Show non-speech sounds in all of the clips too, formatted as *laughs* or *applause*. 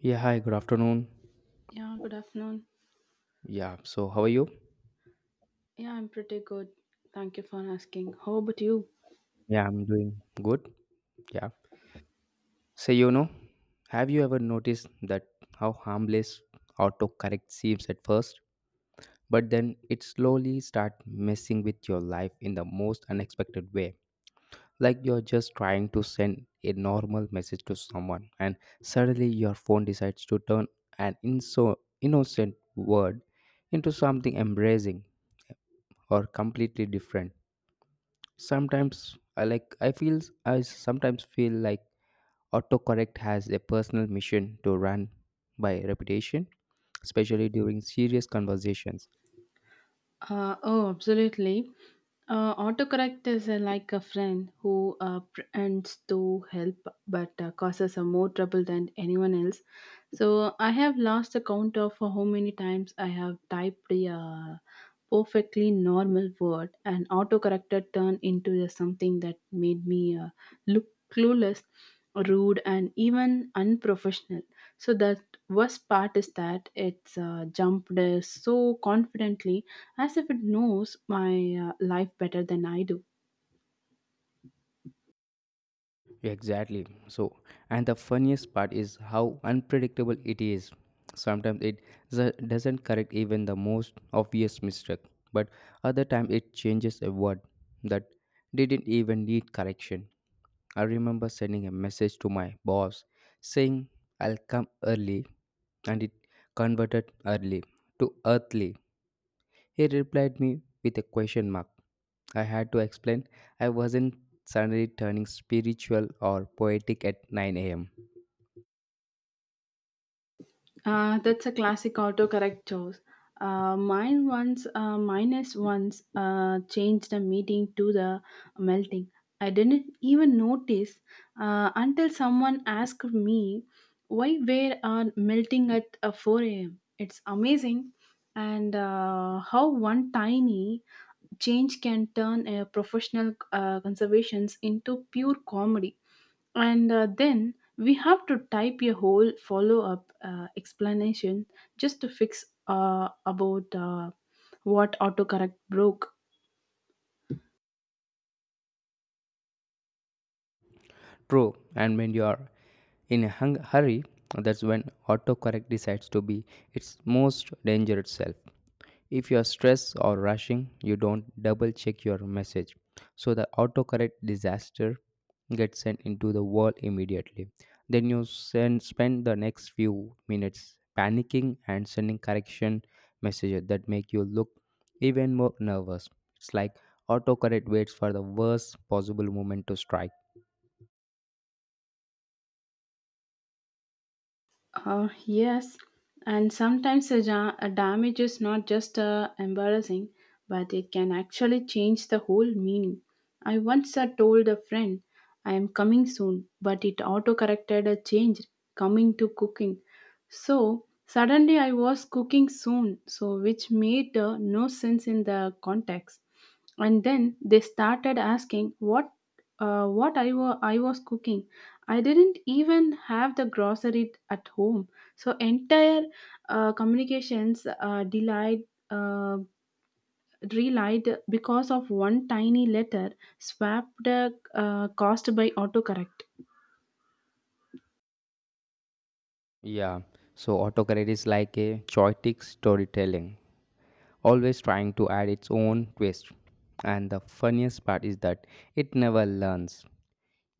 Yeah, hi, good afternoon. Yeah, good afternoon. Yeah, so how are you? Yeah, I'm pretty good. Thank you for asking. How about you? Yeah, I'm doing good. Yeah. So, have you ever noticed that how harmless autocorrect seems at first, but then it slowly start messing with your life in the most unexpected way? Like you're just trying to send a normal message to someone, and suddenly your phone decides to turn an innocent word into something embracing or completely different. Sometimes I like I feel I sometimes feel like autocorrect has a personal mission to run by reputation, especially during serious conversations. Oh, absolutely. Autocorrect is like a friend who pretends to help but causes more trouble than anyone else. So I have lost the count of how many times I have typed a perfectly normal word and autocorrector turned into something that made me look clueless, rude, and even unprofessional. So the worst part is that it's jumped so confidently as if it knows my life better than I do. Exactly. So, and the funniest part is how unpredictable it is. Sometimes it doesn't correct even the most obvious mistake, but other time it changes a word that didn't even need correction. I remember sending a message to my boss saying I'll come early, and it converted early to earthly. He replied me with a question mark. I had to explain I wasn't suddenly turning spiritual or poetic at 9 am. That's a classic autocorrect choice. Mine once changed a meeting to the melting. I didn't even notice until someone asked me why we are melting at 4 a.m. It's amazing, and how one tiny change can turn a professional conservations into pure comedy. And then we have to type a whole follow up explanation just to fix about what autocorrect broke. True, and when you are in a hurry, that's when autocorrect decides to be its most dangerous self. If you are stressed or rushing, you don't double check your message. So the autocorrect disaster get sent into the wall immediately. Then you spend the next few minutes panicking and sending correction messages that make you look even more nervous. It's like autocorrect waits for the worst possible moment to strike. Yes, and sometimes a damage is not just embarrassing, but it can actually change the whole meaning. I once told a friend, I am coming soon, but it auto corrected a change, coming to cooking. So suddenly I was cooking soon, so which made no sense in the context, and then they started asking what I was cooking. I didn't even have the grocery at home, so entire communications delayed uh, relied because of one tiny letter swapped caused by autocorrect. Yeah, so autocorrect is like a choitic storytelling, always trying to add its own twist. And the funniest part is that it never learns.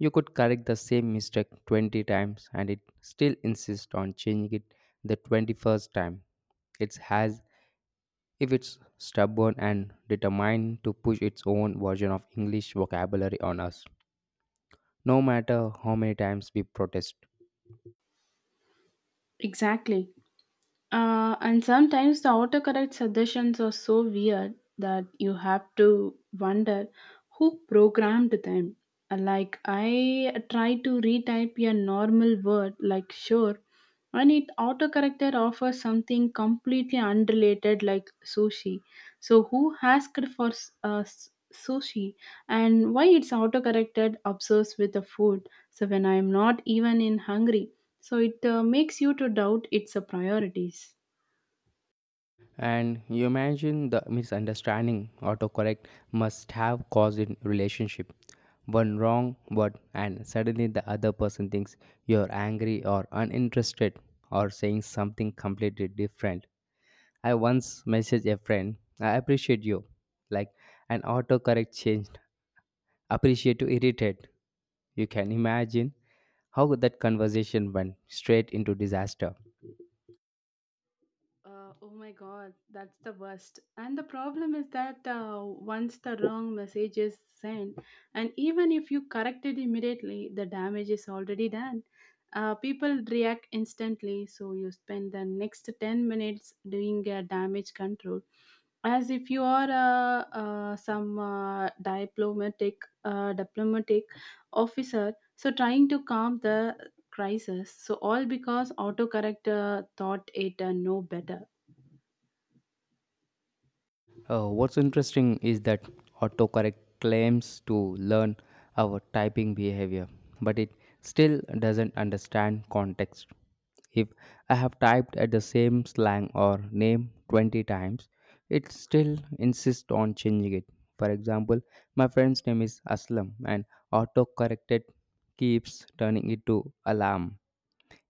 You could correct the same mistake 20 times and it still insists on changing it the 21st time. It's has if it's stubborn and determined to push its own version of English vocabulary on us, no matter how many times we protest. Exactly. And sometimes the autocorrect suggestions are so weird that you have to wonder who programmed them. Like, I tried to retype a normal word like sure, and it autocorrected offers something completely unrelated like sushi. So, who asked for sushi, and why it's autocorrected obsessed with the food? So, when I'm not even in hungry, so it makes you to doubt its priorities. And you imagine the misunderstanding autocorrect must have caused in relationship. One wrong word and suddenly the other person thinks you're angry or uninterested or saying something completely different. I once messaged a friend, I appreciate you. Like an autocorrect changed appreciate to irritate. You can imagine how could that conversation went straight into disaster. Oh my god, that's the worst. And the problem is that once the wrong message is sent, and even if you correct it immediately, the damage is already done. People react instantly, so you spend the next 10 minutes doing damage control as if you are some diplomatic officer so trying to calm the crisis. So all because autocorrect thought it no better. What's interesting is that autocorrect claims to learn our typing behavior, but it still doesn't understand context. If I have typed at the same slang or name 20 times, it still insists on changing it. For example, my friend's name is Aslam and autocorrected keeps turning it to alarm.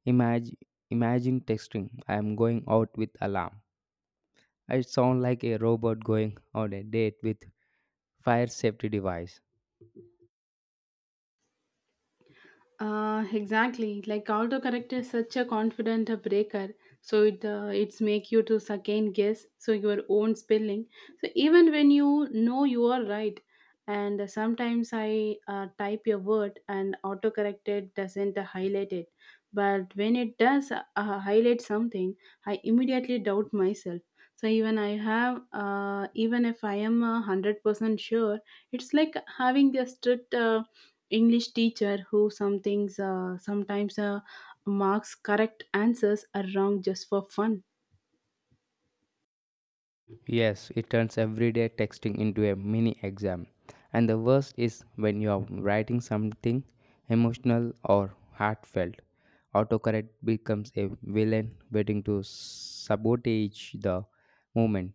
Imagine, imagine texting, I am going out with alarm. I sound like a robot going on a date with fire safety device. Exactly. Like autocorrect is such a confident breaker, so it's make you to second guess so your own spelling. So even when you know you are right, and sometimes I type a word and autocorrected doesn't highlight it, but when it does highlight something, I immediately doubt myself. So even even if I am 100% sure, it's like having a strict. English teacher who sometimes marks correct answers are wrong just for fun. Yes, it turns everyday texting into a mini exam. And the worst is when you are writing something emotional or heartfelt. Autocorrect becomes a villain waiting to sabotage the moment.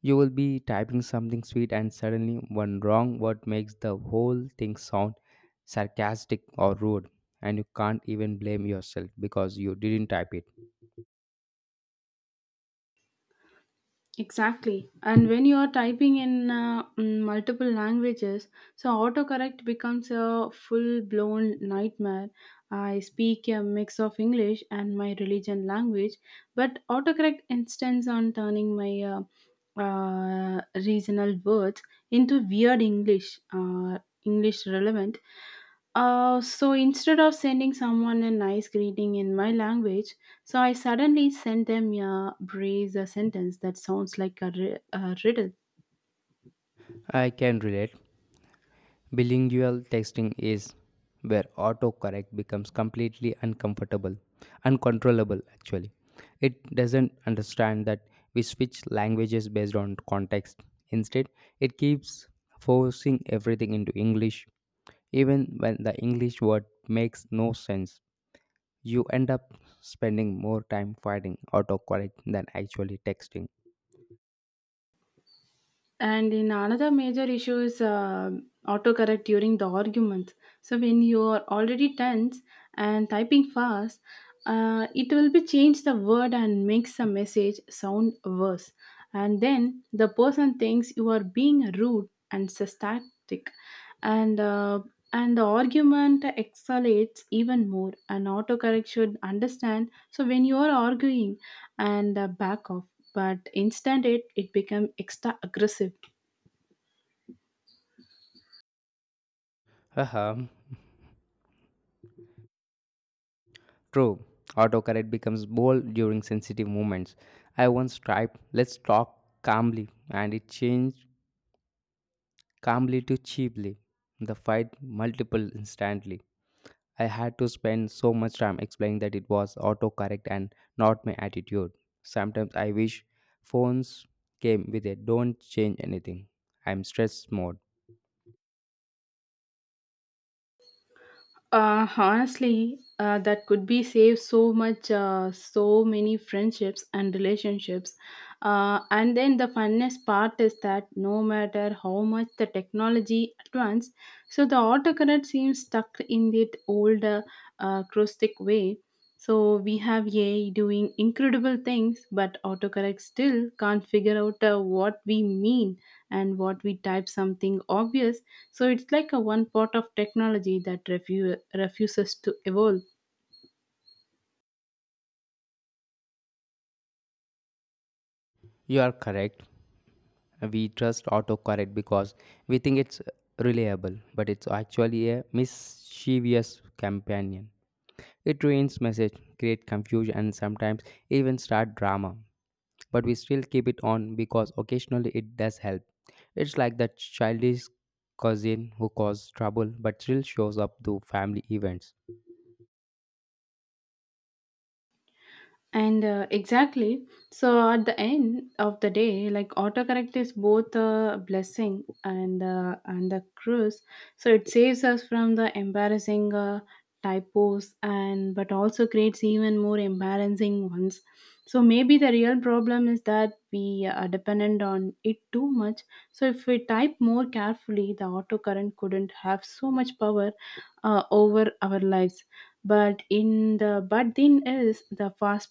You will be typing something sweet, and suddenly one wrong word makes the whole thing sound sarcastic or rude, and you can't even blame yourself because you didn't type it. Exactly. And when you are typing in multiple languages, so autocorrect becomes a full blown nightmare. I speak a mix of English and my religion language, but autocorrect insists on turning my regional words into weird English, English relevant. So instead of sending someone a nice greeting in my language, so I suddenly sent them a braze a sentence that sounds like a riddle. I can relate. Bilingual texting is where autocorrect becomes completely uncontrollable actually. It doesn't understand that we switch languages based on context. Instead, it keeps forcing everything into English. Even when the English word makes no sense, you end up spending more time fighting autocorrect than actually texting. And in another major issue is autocorrect during the arguments. So when you are already tense and typing fast, it will be change the word and makes the message sound worse. And then the person thinks you are being rude and sarcastic, and and the argument escalates even more. And autocorrect should understand. So when you are arguing, and back off but instant it become extra aggressive. Haha, true. Autocorrect becomes bold during sensitive moments. I once typed, let's talk calmly, and it changed calmly to cheaply. The fight multiple instantly. I had to spend so much time explaining that it was autocorrect and not my attitude. Sometimes I wish phones came with a don't change anything. I'm stress mode. Honestly that could be save so much so many friendships and relationships, and then the funnest part is that no matter how much the technology advanced, so the autocorrect seems stuck in that old acrostic way, so we have AI doing incredible things but autocorrect still can't figure out what we mean and what we type something obvious. So it's like a one part of technology that refuses to evolve. You are correct. We trust autocorrect because we think it's reliable, but it's actually a mischievous companion. It ruins message, create confusion, and sometimes even start drama. But we still keep it on because occasionally it does help. It's like that childish cousin who caused trouble but still shows up to family events. And exactly, so at the end of the day, like autocorrect is both a blessing and a curse, so it saves us from the embarrassing typos and but also creates even more embarrassing ones, so maybe the real problem is that we are dependent on it too much, so if we type more carefully the autocorrect couldn't have so much power over our lives, but in the but then is the fast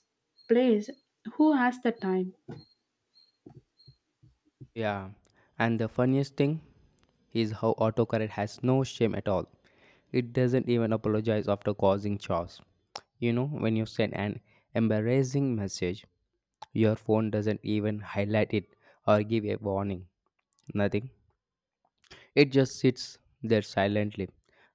place, who has the time. Yeah, and the funniest thing is how autocorrect has no shame at all. It doesn't even apologize after causing chaos. You know, when you send an embarrassing message, your phone doesn't even highlight it or give a warning. Nothing. It just sits there silently,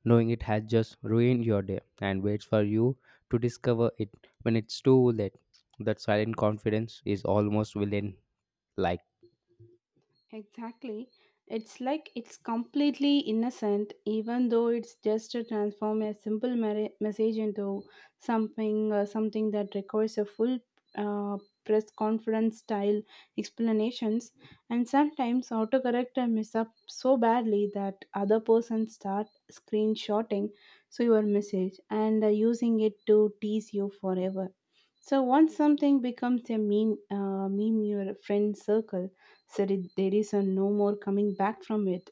knowing it has just ruined your day and waits for you to discover it when it's too late. That silent confidence is almost villain like. Exactly. It's like it's completely innocent, even though it's just to transform a simple message into something something that requires a full uh, press conference style explanations. And sometimes autocorrect mess up so badly that other person start screenshotting so your message and using it to tease you forever. So once something becomes a meme, meme your friend circle said it, there is a no more coming back from it.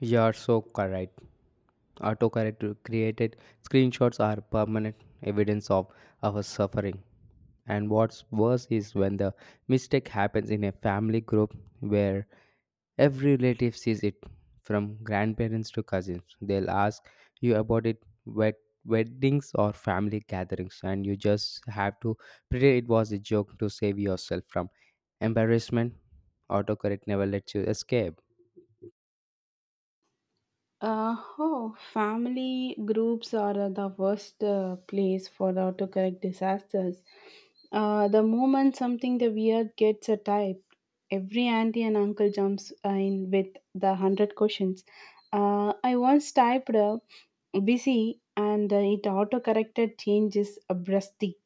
You're so correct. Autocorrect created screenshots are permanent evidence of our suffering. And what's worse is when the mistake happens in a family group where every relative sees it, from grandparents to cousins. They'll ask you about it at weddings or family gatherings, and you just have to pretend it was a joke to save yourself from embarrassment. Autocorrect never lets you escape. Oh, family groups are the worst place for the autocorrect disasters. The moment something the weird gets a type, every auntie and uncle jumps in with the hundred questions. I once typed busy and it autocorrected changes abruptly.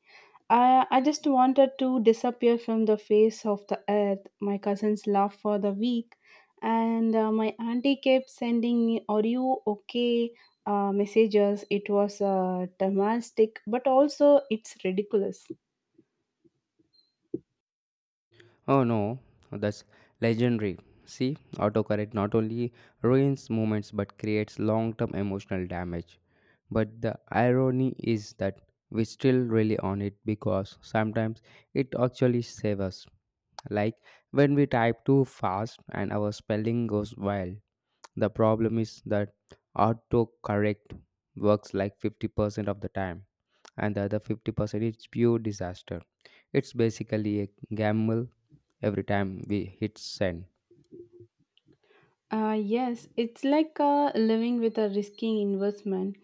I just wanted to disappear from the face of the earth. My cousins laughed for the week, and my auntie kept sending me, Are you okay? Messages. It was dramatic, but also it's ridiculous. Oh no, that's legendary. See, autocorrect not only ruins moments but creates long term emotional damage. But the irony is that we still rely on it because sometimes it actually saves us. Like when we type too fast and our spelling goes wild. The problem is that autocorrect works like 50% of the time, and the other 50% is pure disaster. It's basically a gamble every time we hit send. Yes, it's like living with a risky investment.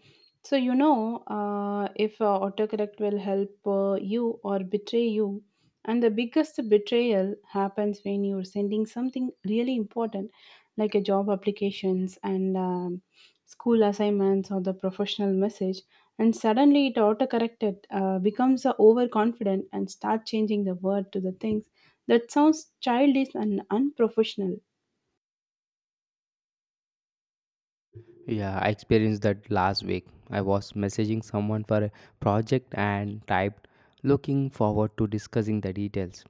So, you know, if autocorrect will help you or betray you, and the biggest betrayal happens when you're sending something really important, like a job applications and school assignments or the professional message, and suddenly it autocorrected becomes overconfident and start changing the word to the things that sounds childish and unprofessional. Yeah, I experienced that last week. I was messaging someone for a project and typed, looking forward to discussing the details.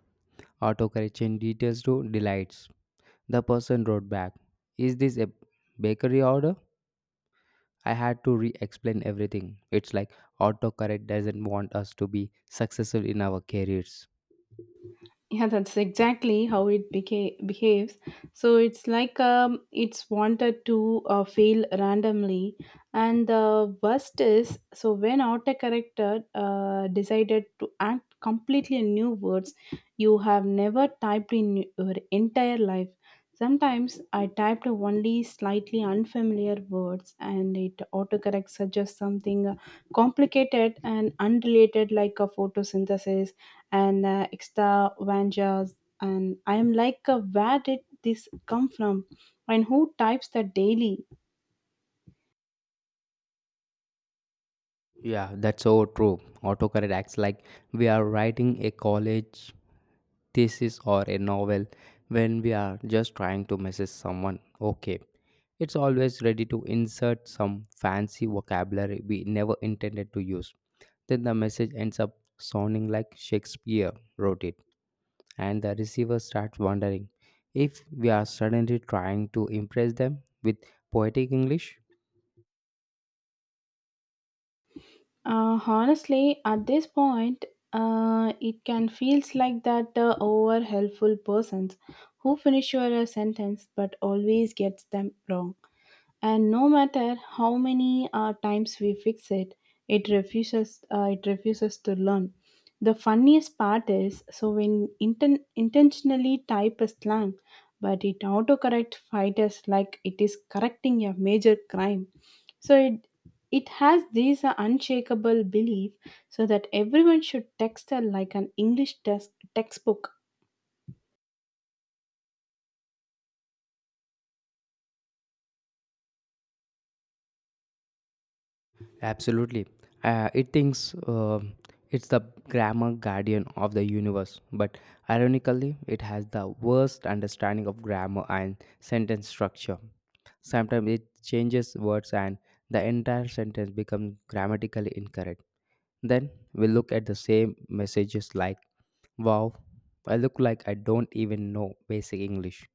Autocorrection details to delights. The person wrote back, is this a bakery order? I had to re explain everything. It's like autocorrect doesn't want us to be successful in our careers. Yeah, that's exactly how it behaves. So it's like it's wanted to fail randomly. And the worst is so when autocorrector decided to act completely new words you have never typed in your entire life. Sometimes I typed only slightly unfamiliar words and it autocorrect suggests something complicated and unrelated like a photosynthesis and extra vanjas, and I am like where did this come from and who types that daily. Yeah, that's so true. Autocorrect acts like we are writing a college thesis or a novel when we are just trying to message someone. Okay, it's always ready to insert some fancy vocabulary we never intended to use. Then the message ends up sounding like Shakespeare wrote it, and the receiver starts wondering if we are suddenly trying to impress them with poetic English. Honestly at this point it can feels like that over helpful persons who finish your sentence but always gets them wrong, and no matter how many times we fix it, it refuses to learn. The funniest part is so when intentionally type a slang but it autocorrect fight us like it is correcting a major crime, so it has this unshakable belief so that everyone should text her like an english text textbook. Absolutely. It thinks it's the grammar guardian of the universe, but ironically, it has the worst understanding of grammar and sentence structure. Sometimes it changes words and the entire sentence becomes grammatically incorrect. Then we look at the same messages like, wow, I look like I don't even know basic English.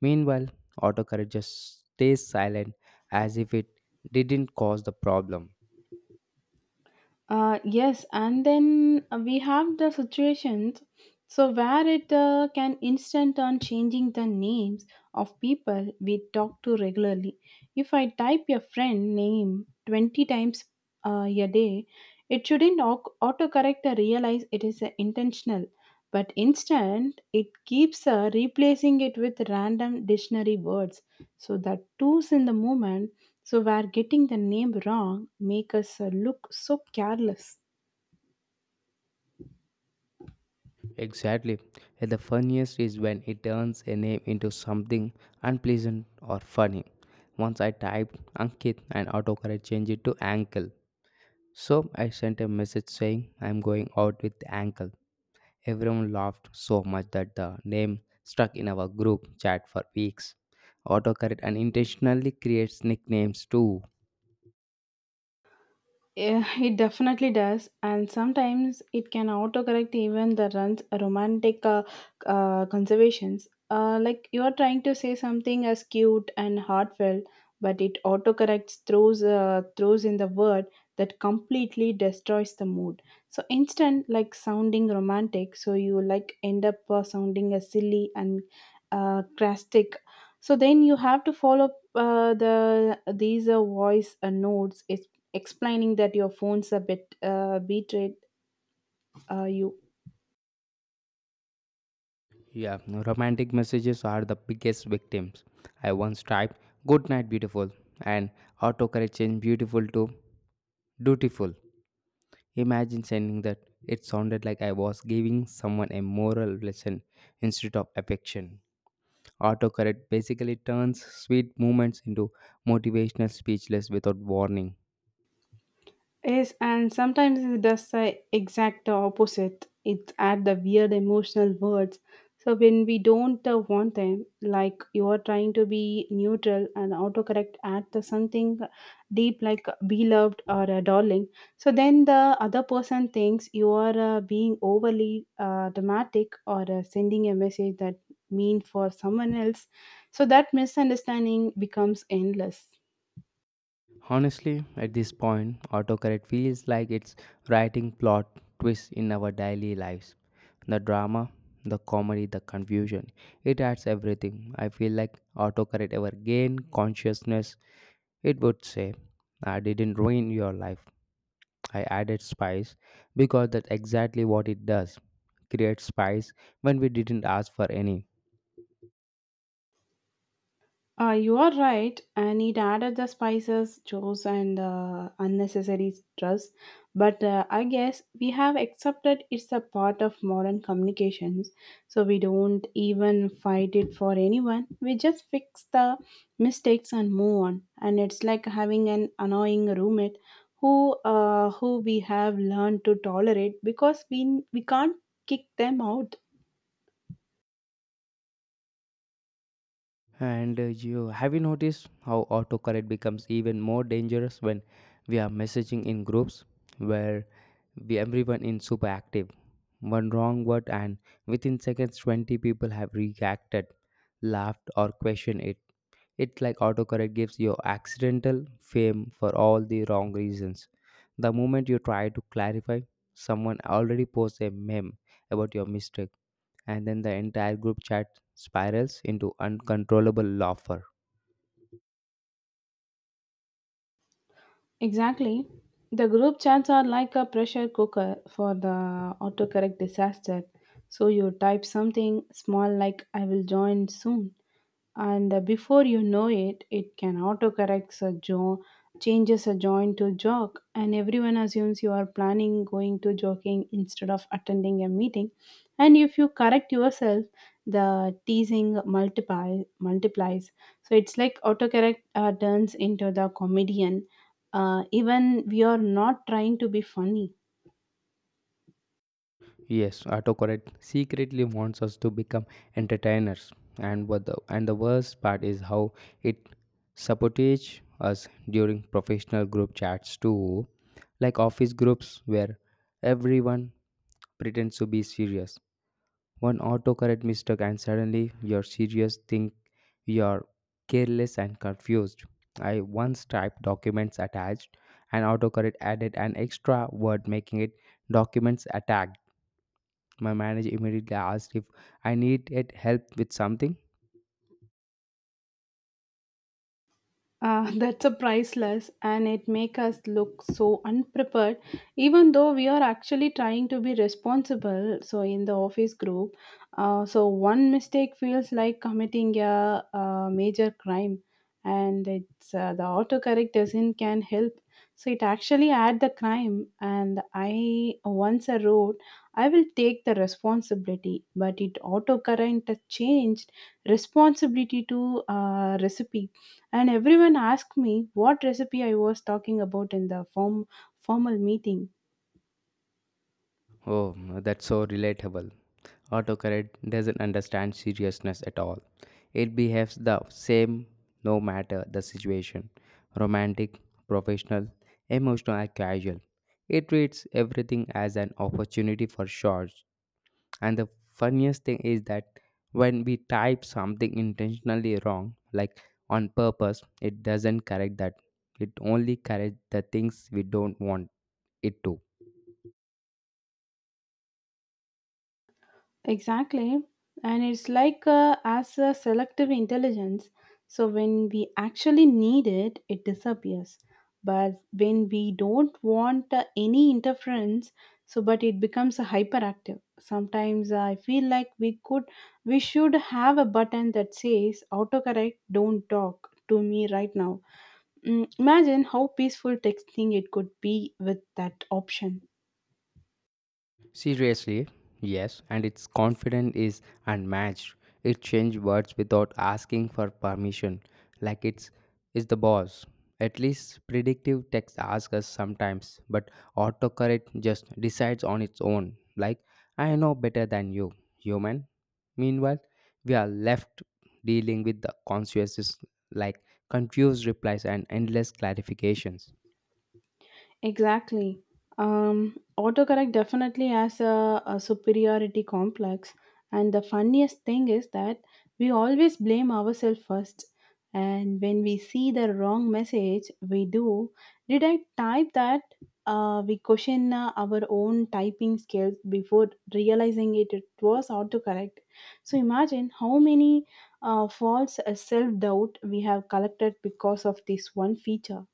Meanwhile, autocorrect just stays silent as if it didn't cause the problem. Yes, and then we have the situations so where it can instant on changing the names of people we talk to regularly. If I type your friend name 20 times a day, it shouldn't autocorrect or realize it is intentional, but instant it keeps replacing it with random dictionary words, so that tools in the moment, so we're getting the name wrong make us look so careless. Exactly. And the funniest is when it turns a name into something unpleasant or funny. Once I typed Ankit and autocorrect changed it to ankle. So I sent a message saying I'm going out with ankle. Everyone laughed so much that the name stuck in our group chat for weeks. Autocorrect unintentionally creates nicknames too. Yeah, it definitely does, and sometimes it can autocorrect even the runs romantic conservations. Like you are trying to say something as cute and heartfelt, but it autocorrects throws throws in the word that completely destroys the mood. So instant, like sounding romantic, so you like end up sounding as silly and crastic. So then you have to follow up, the these voice notes explaining that your phone's a bit betrayed you. Yeah, romantic messages are the biggest victims. I once typed good night beautiful and autocorrect changed beautiful to dutiful. Imagine sending that. It sounded like I was giving someone a moral lesson instead of affection. Autocorrect basically turns sweet moments into motivational speechless without warning. Yes, and sometimes it does the exact opposite. It's add the weird emotional words. So when we don't want them, like you are trying to be neutral and autocorrect add the something deep like beloved or a darling. So then the other person thinks you are being overly dramatic or sending a message that mean for someone else. So that misunderstanding becomes endless. Honestly, at this point, autocorrect feels like it's writing plot twists in our daily lives. The drama, the comedy, the confusion, it adds everything. I feel like autocorrect ever gained consciousness, it would say, I didn't ruin your life. I added spice because that's exactly what it does. Create spice when we didn't ask for any. You are right, and it added the spices, chores, and unnecessary stress. But I guess we have accepted it's a part of modern communications, so we don't even fight it for anyone. We just fix the mistakes and move on. And it's like having an annoying roommate who we have learned to tolerate because we can't kick them out. And you have you noticed how autocorrect becomes even more dangerous when we are messaging in groups where we everyone is super active. One wrong word and within seconds 20 people have reacted, laughed or questioned it. It's like autocorrect gives you accidental fame for all the wrong reasons. The moment you try to clarify, someone already posts a meme about your mistake, and then the entire group chat spirals into uncontrollable laughter. Exactly. The group chats are like a pressure cooker for the autocorrect disaster. So you type something small like I will join soon and before you know it it can autocorrect a changes a joint to jog, and everyone assumes you are planning going to jogging instead of attending a meeting. And if you correct yourself, the teasing multiply multiplies. So it's like autocorrect turns into the comedian, even we are not trying to be funny. Yes, autocorrect secretly wants us to become entertainers, and what the and the worst part is how it sabotage us during professional group chats too, like office groups where everyone pretends to be serious. One autocorrect mistake, and suddenly you're serious, think you're careless and confused. I once typed documents attached, and autocorrect added an extra word, making it documents attacked. My manager immediately asked if I needed help with something. *laughs* That's a priceless, and it make us look so unprepared, even though we are actually trying to be responsible. So in the office group, so one mistake feels like committing a, major crime. And it's the autocorrect doesn't can help, so it actually add the crime. And I wrote, I will take the responsibility, but it autocorrect changed responsibility to recipe, and everyone asked me what recipe I was talking about in the formal meeting. Oh, that's so relatable. Autocorrect doesn't understand seriousness at all. It behaves the same no matter the situation romantic, professional, emotional, or casual. It treats everything as an opportunity for shorts. And the funniest thing is that when we type something intentionally wrong, like on purpose, it doesn't correct that. It only corrects the things we don't want it to. Exactly, and it's like as a selective intelligence. So when we actually need it, it disappears. But when we don't want any interference, so but it becomes a hyperactive. Sometimes I feel like we should have a button that says autocorrect, don't talk to me right now. Mm, imagine how peaceful texting it could be with that option. Seriously, yes, and its confidence is unmatched. It changes words without asking for permission, like it's is the boss. At least predictive text asks us sometimes, but autocorrect just decides on its own, like I know better than you, human. Meanwhile, we are left dealing with the consequences like confused replies and endless clarifications. Exactly. Autocorrect definitely has a superiority complex. And the funniest thing is that we always blame ourselves first. And when we see the wrong message, we do. Did I type that? We question our own typing skills before realizing it was autocorrect. So imagine how many false self doubt we have collected because of this one feature.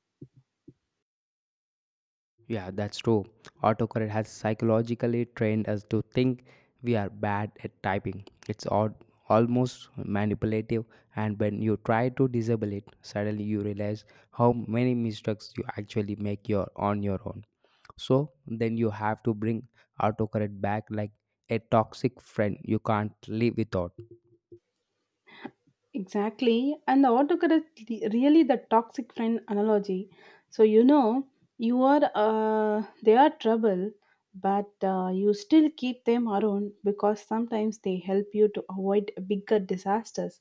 Yeah, that's true. Autocorrect has psychologically trained us to think we are bad at typing. It's odd, almost manipulative, and when you try to disable it, suddenly you realize how many mistakes you actually make your on your own. So then you have to bring autocorrect back like a toxic friend you can't live without. Exactly. And the really the toxic friend analogy. So you know you are they are trouble, but you still keep them around because sometimes they help you to avoid bigger disasters.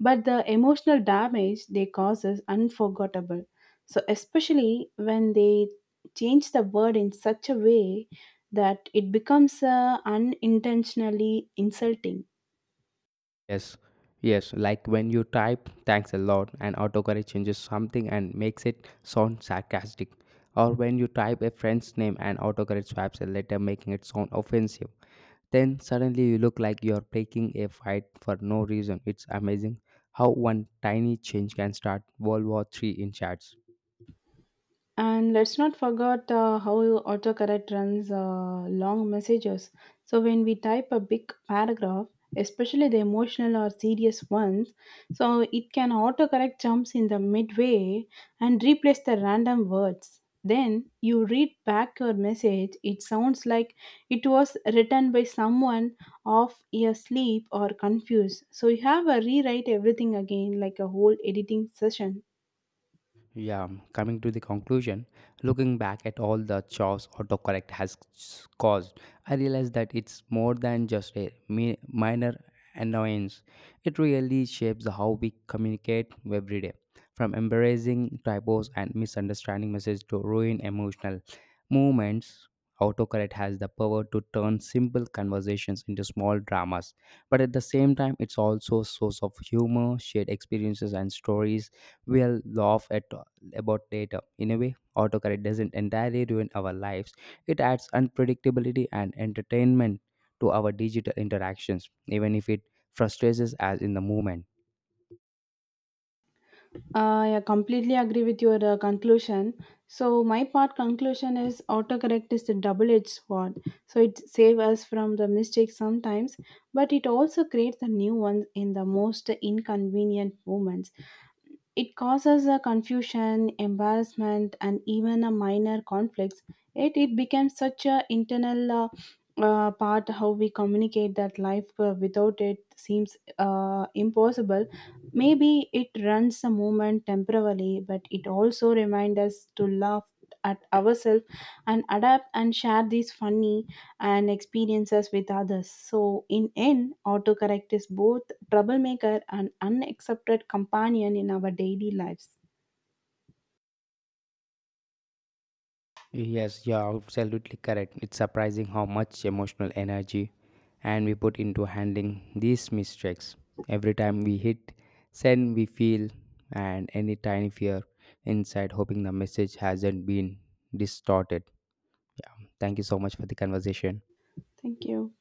But the emotional damage they cause is unforgettable. So especially when they change the word in such a way that it becomes unintentionally insulting. Yes, yes, like when you type thanks a lot and autocorrect changes something and makes it sound sarcastic. Or when you type a friend's name and autocorrect swaps a letter making it sound offensive. Then suddenly you look like you're picking a fight for no reason. It's amazing how one tiny change can start World War III in chats. And let's not forget how autocorrect runs long messages. So when we type a big paragraph, especially the emotional or serious ones, so it can autocorrect jumps in the midway and replace the random words. Then you read back your message, it sounds like it was written by someone off asleep or confused. So you have a rewrite everything again like a whole editing session. Yeah, coming to the conclusion, looking back at all the chores autocorrect has caused, I realized that it's more than just a minor annoyance. It really shapes how we communicate every day, from embarrassing typos and misunderstanding messages to ruin emotional moments. Autocorrect has the power to turn simple conversations into small dramas, but at the same time, it's also a source of humor, shared experiences, and stories we'll laugh at about data. In a way, autocorrect doesn't entirely ruin our lives, it adds unpredictability and entertainment to our digital interactions, even if it frustrates us as in the moment. I completely agree with your conclusion. So my part conclusion is autocorrect is the double-edged sword. So it saves us from the mistakes sometimes, but it also creates the new ones in the most inconvenient moments. It causes a confusion, embarrassment, and even a minor conflicts. Yet it becomes such a internal part how we communicate that life without it seems impossible. Maybe it runs the moment temporarily, but it also reminds us to laugh at ourselves and adapt and share these funny and experiences with others. So in end, autocorrect is both troublemaker, and unaccepted companion in our daily lives. Yes, you're absolutely correct. It's surprising how much emotional energy and we put into handling these mistakes. Every time we hit send, we feel and any tiny fear inside, hoping the message hasn't been distorted. Thank you so much for the conversation. Thank you.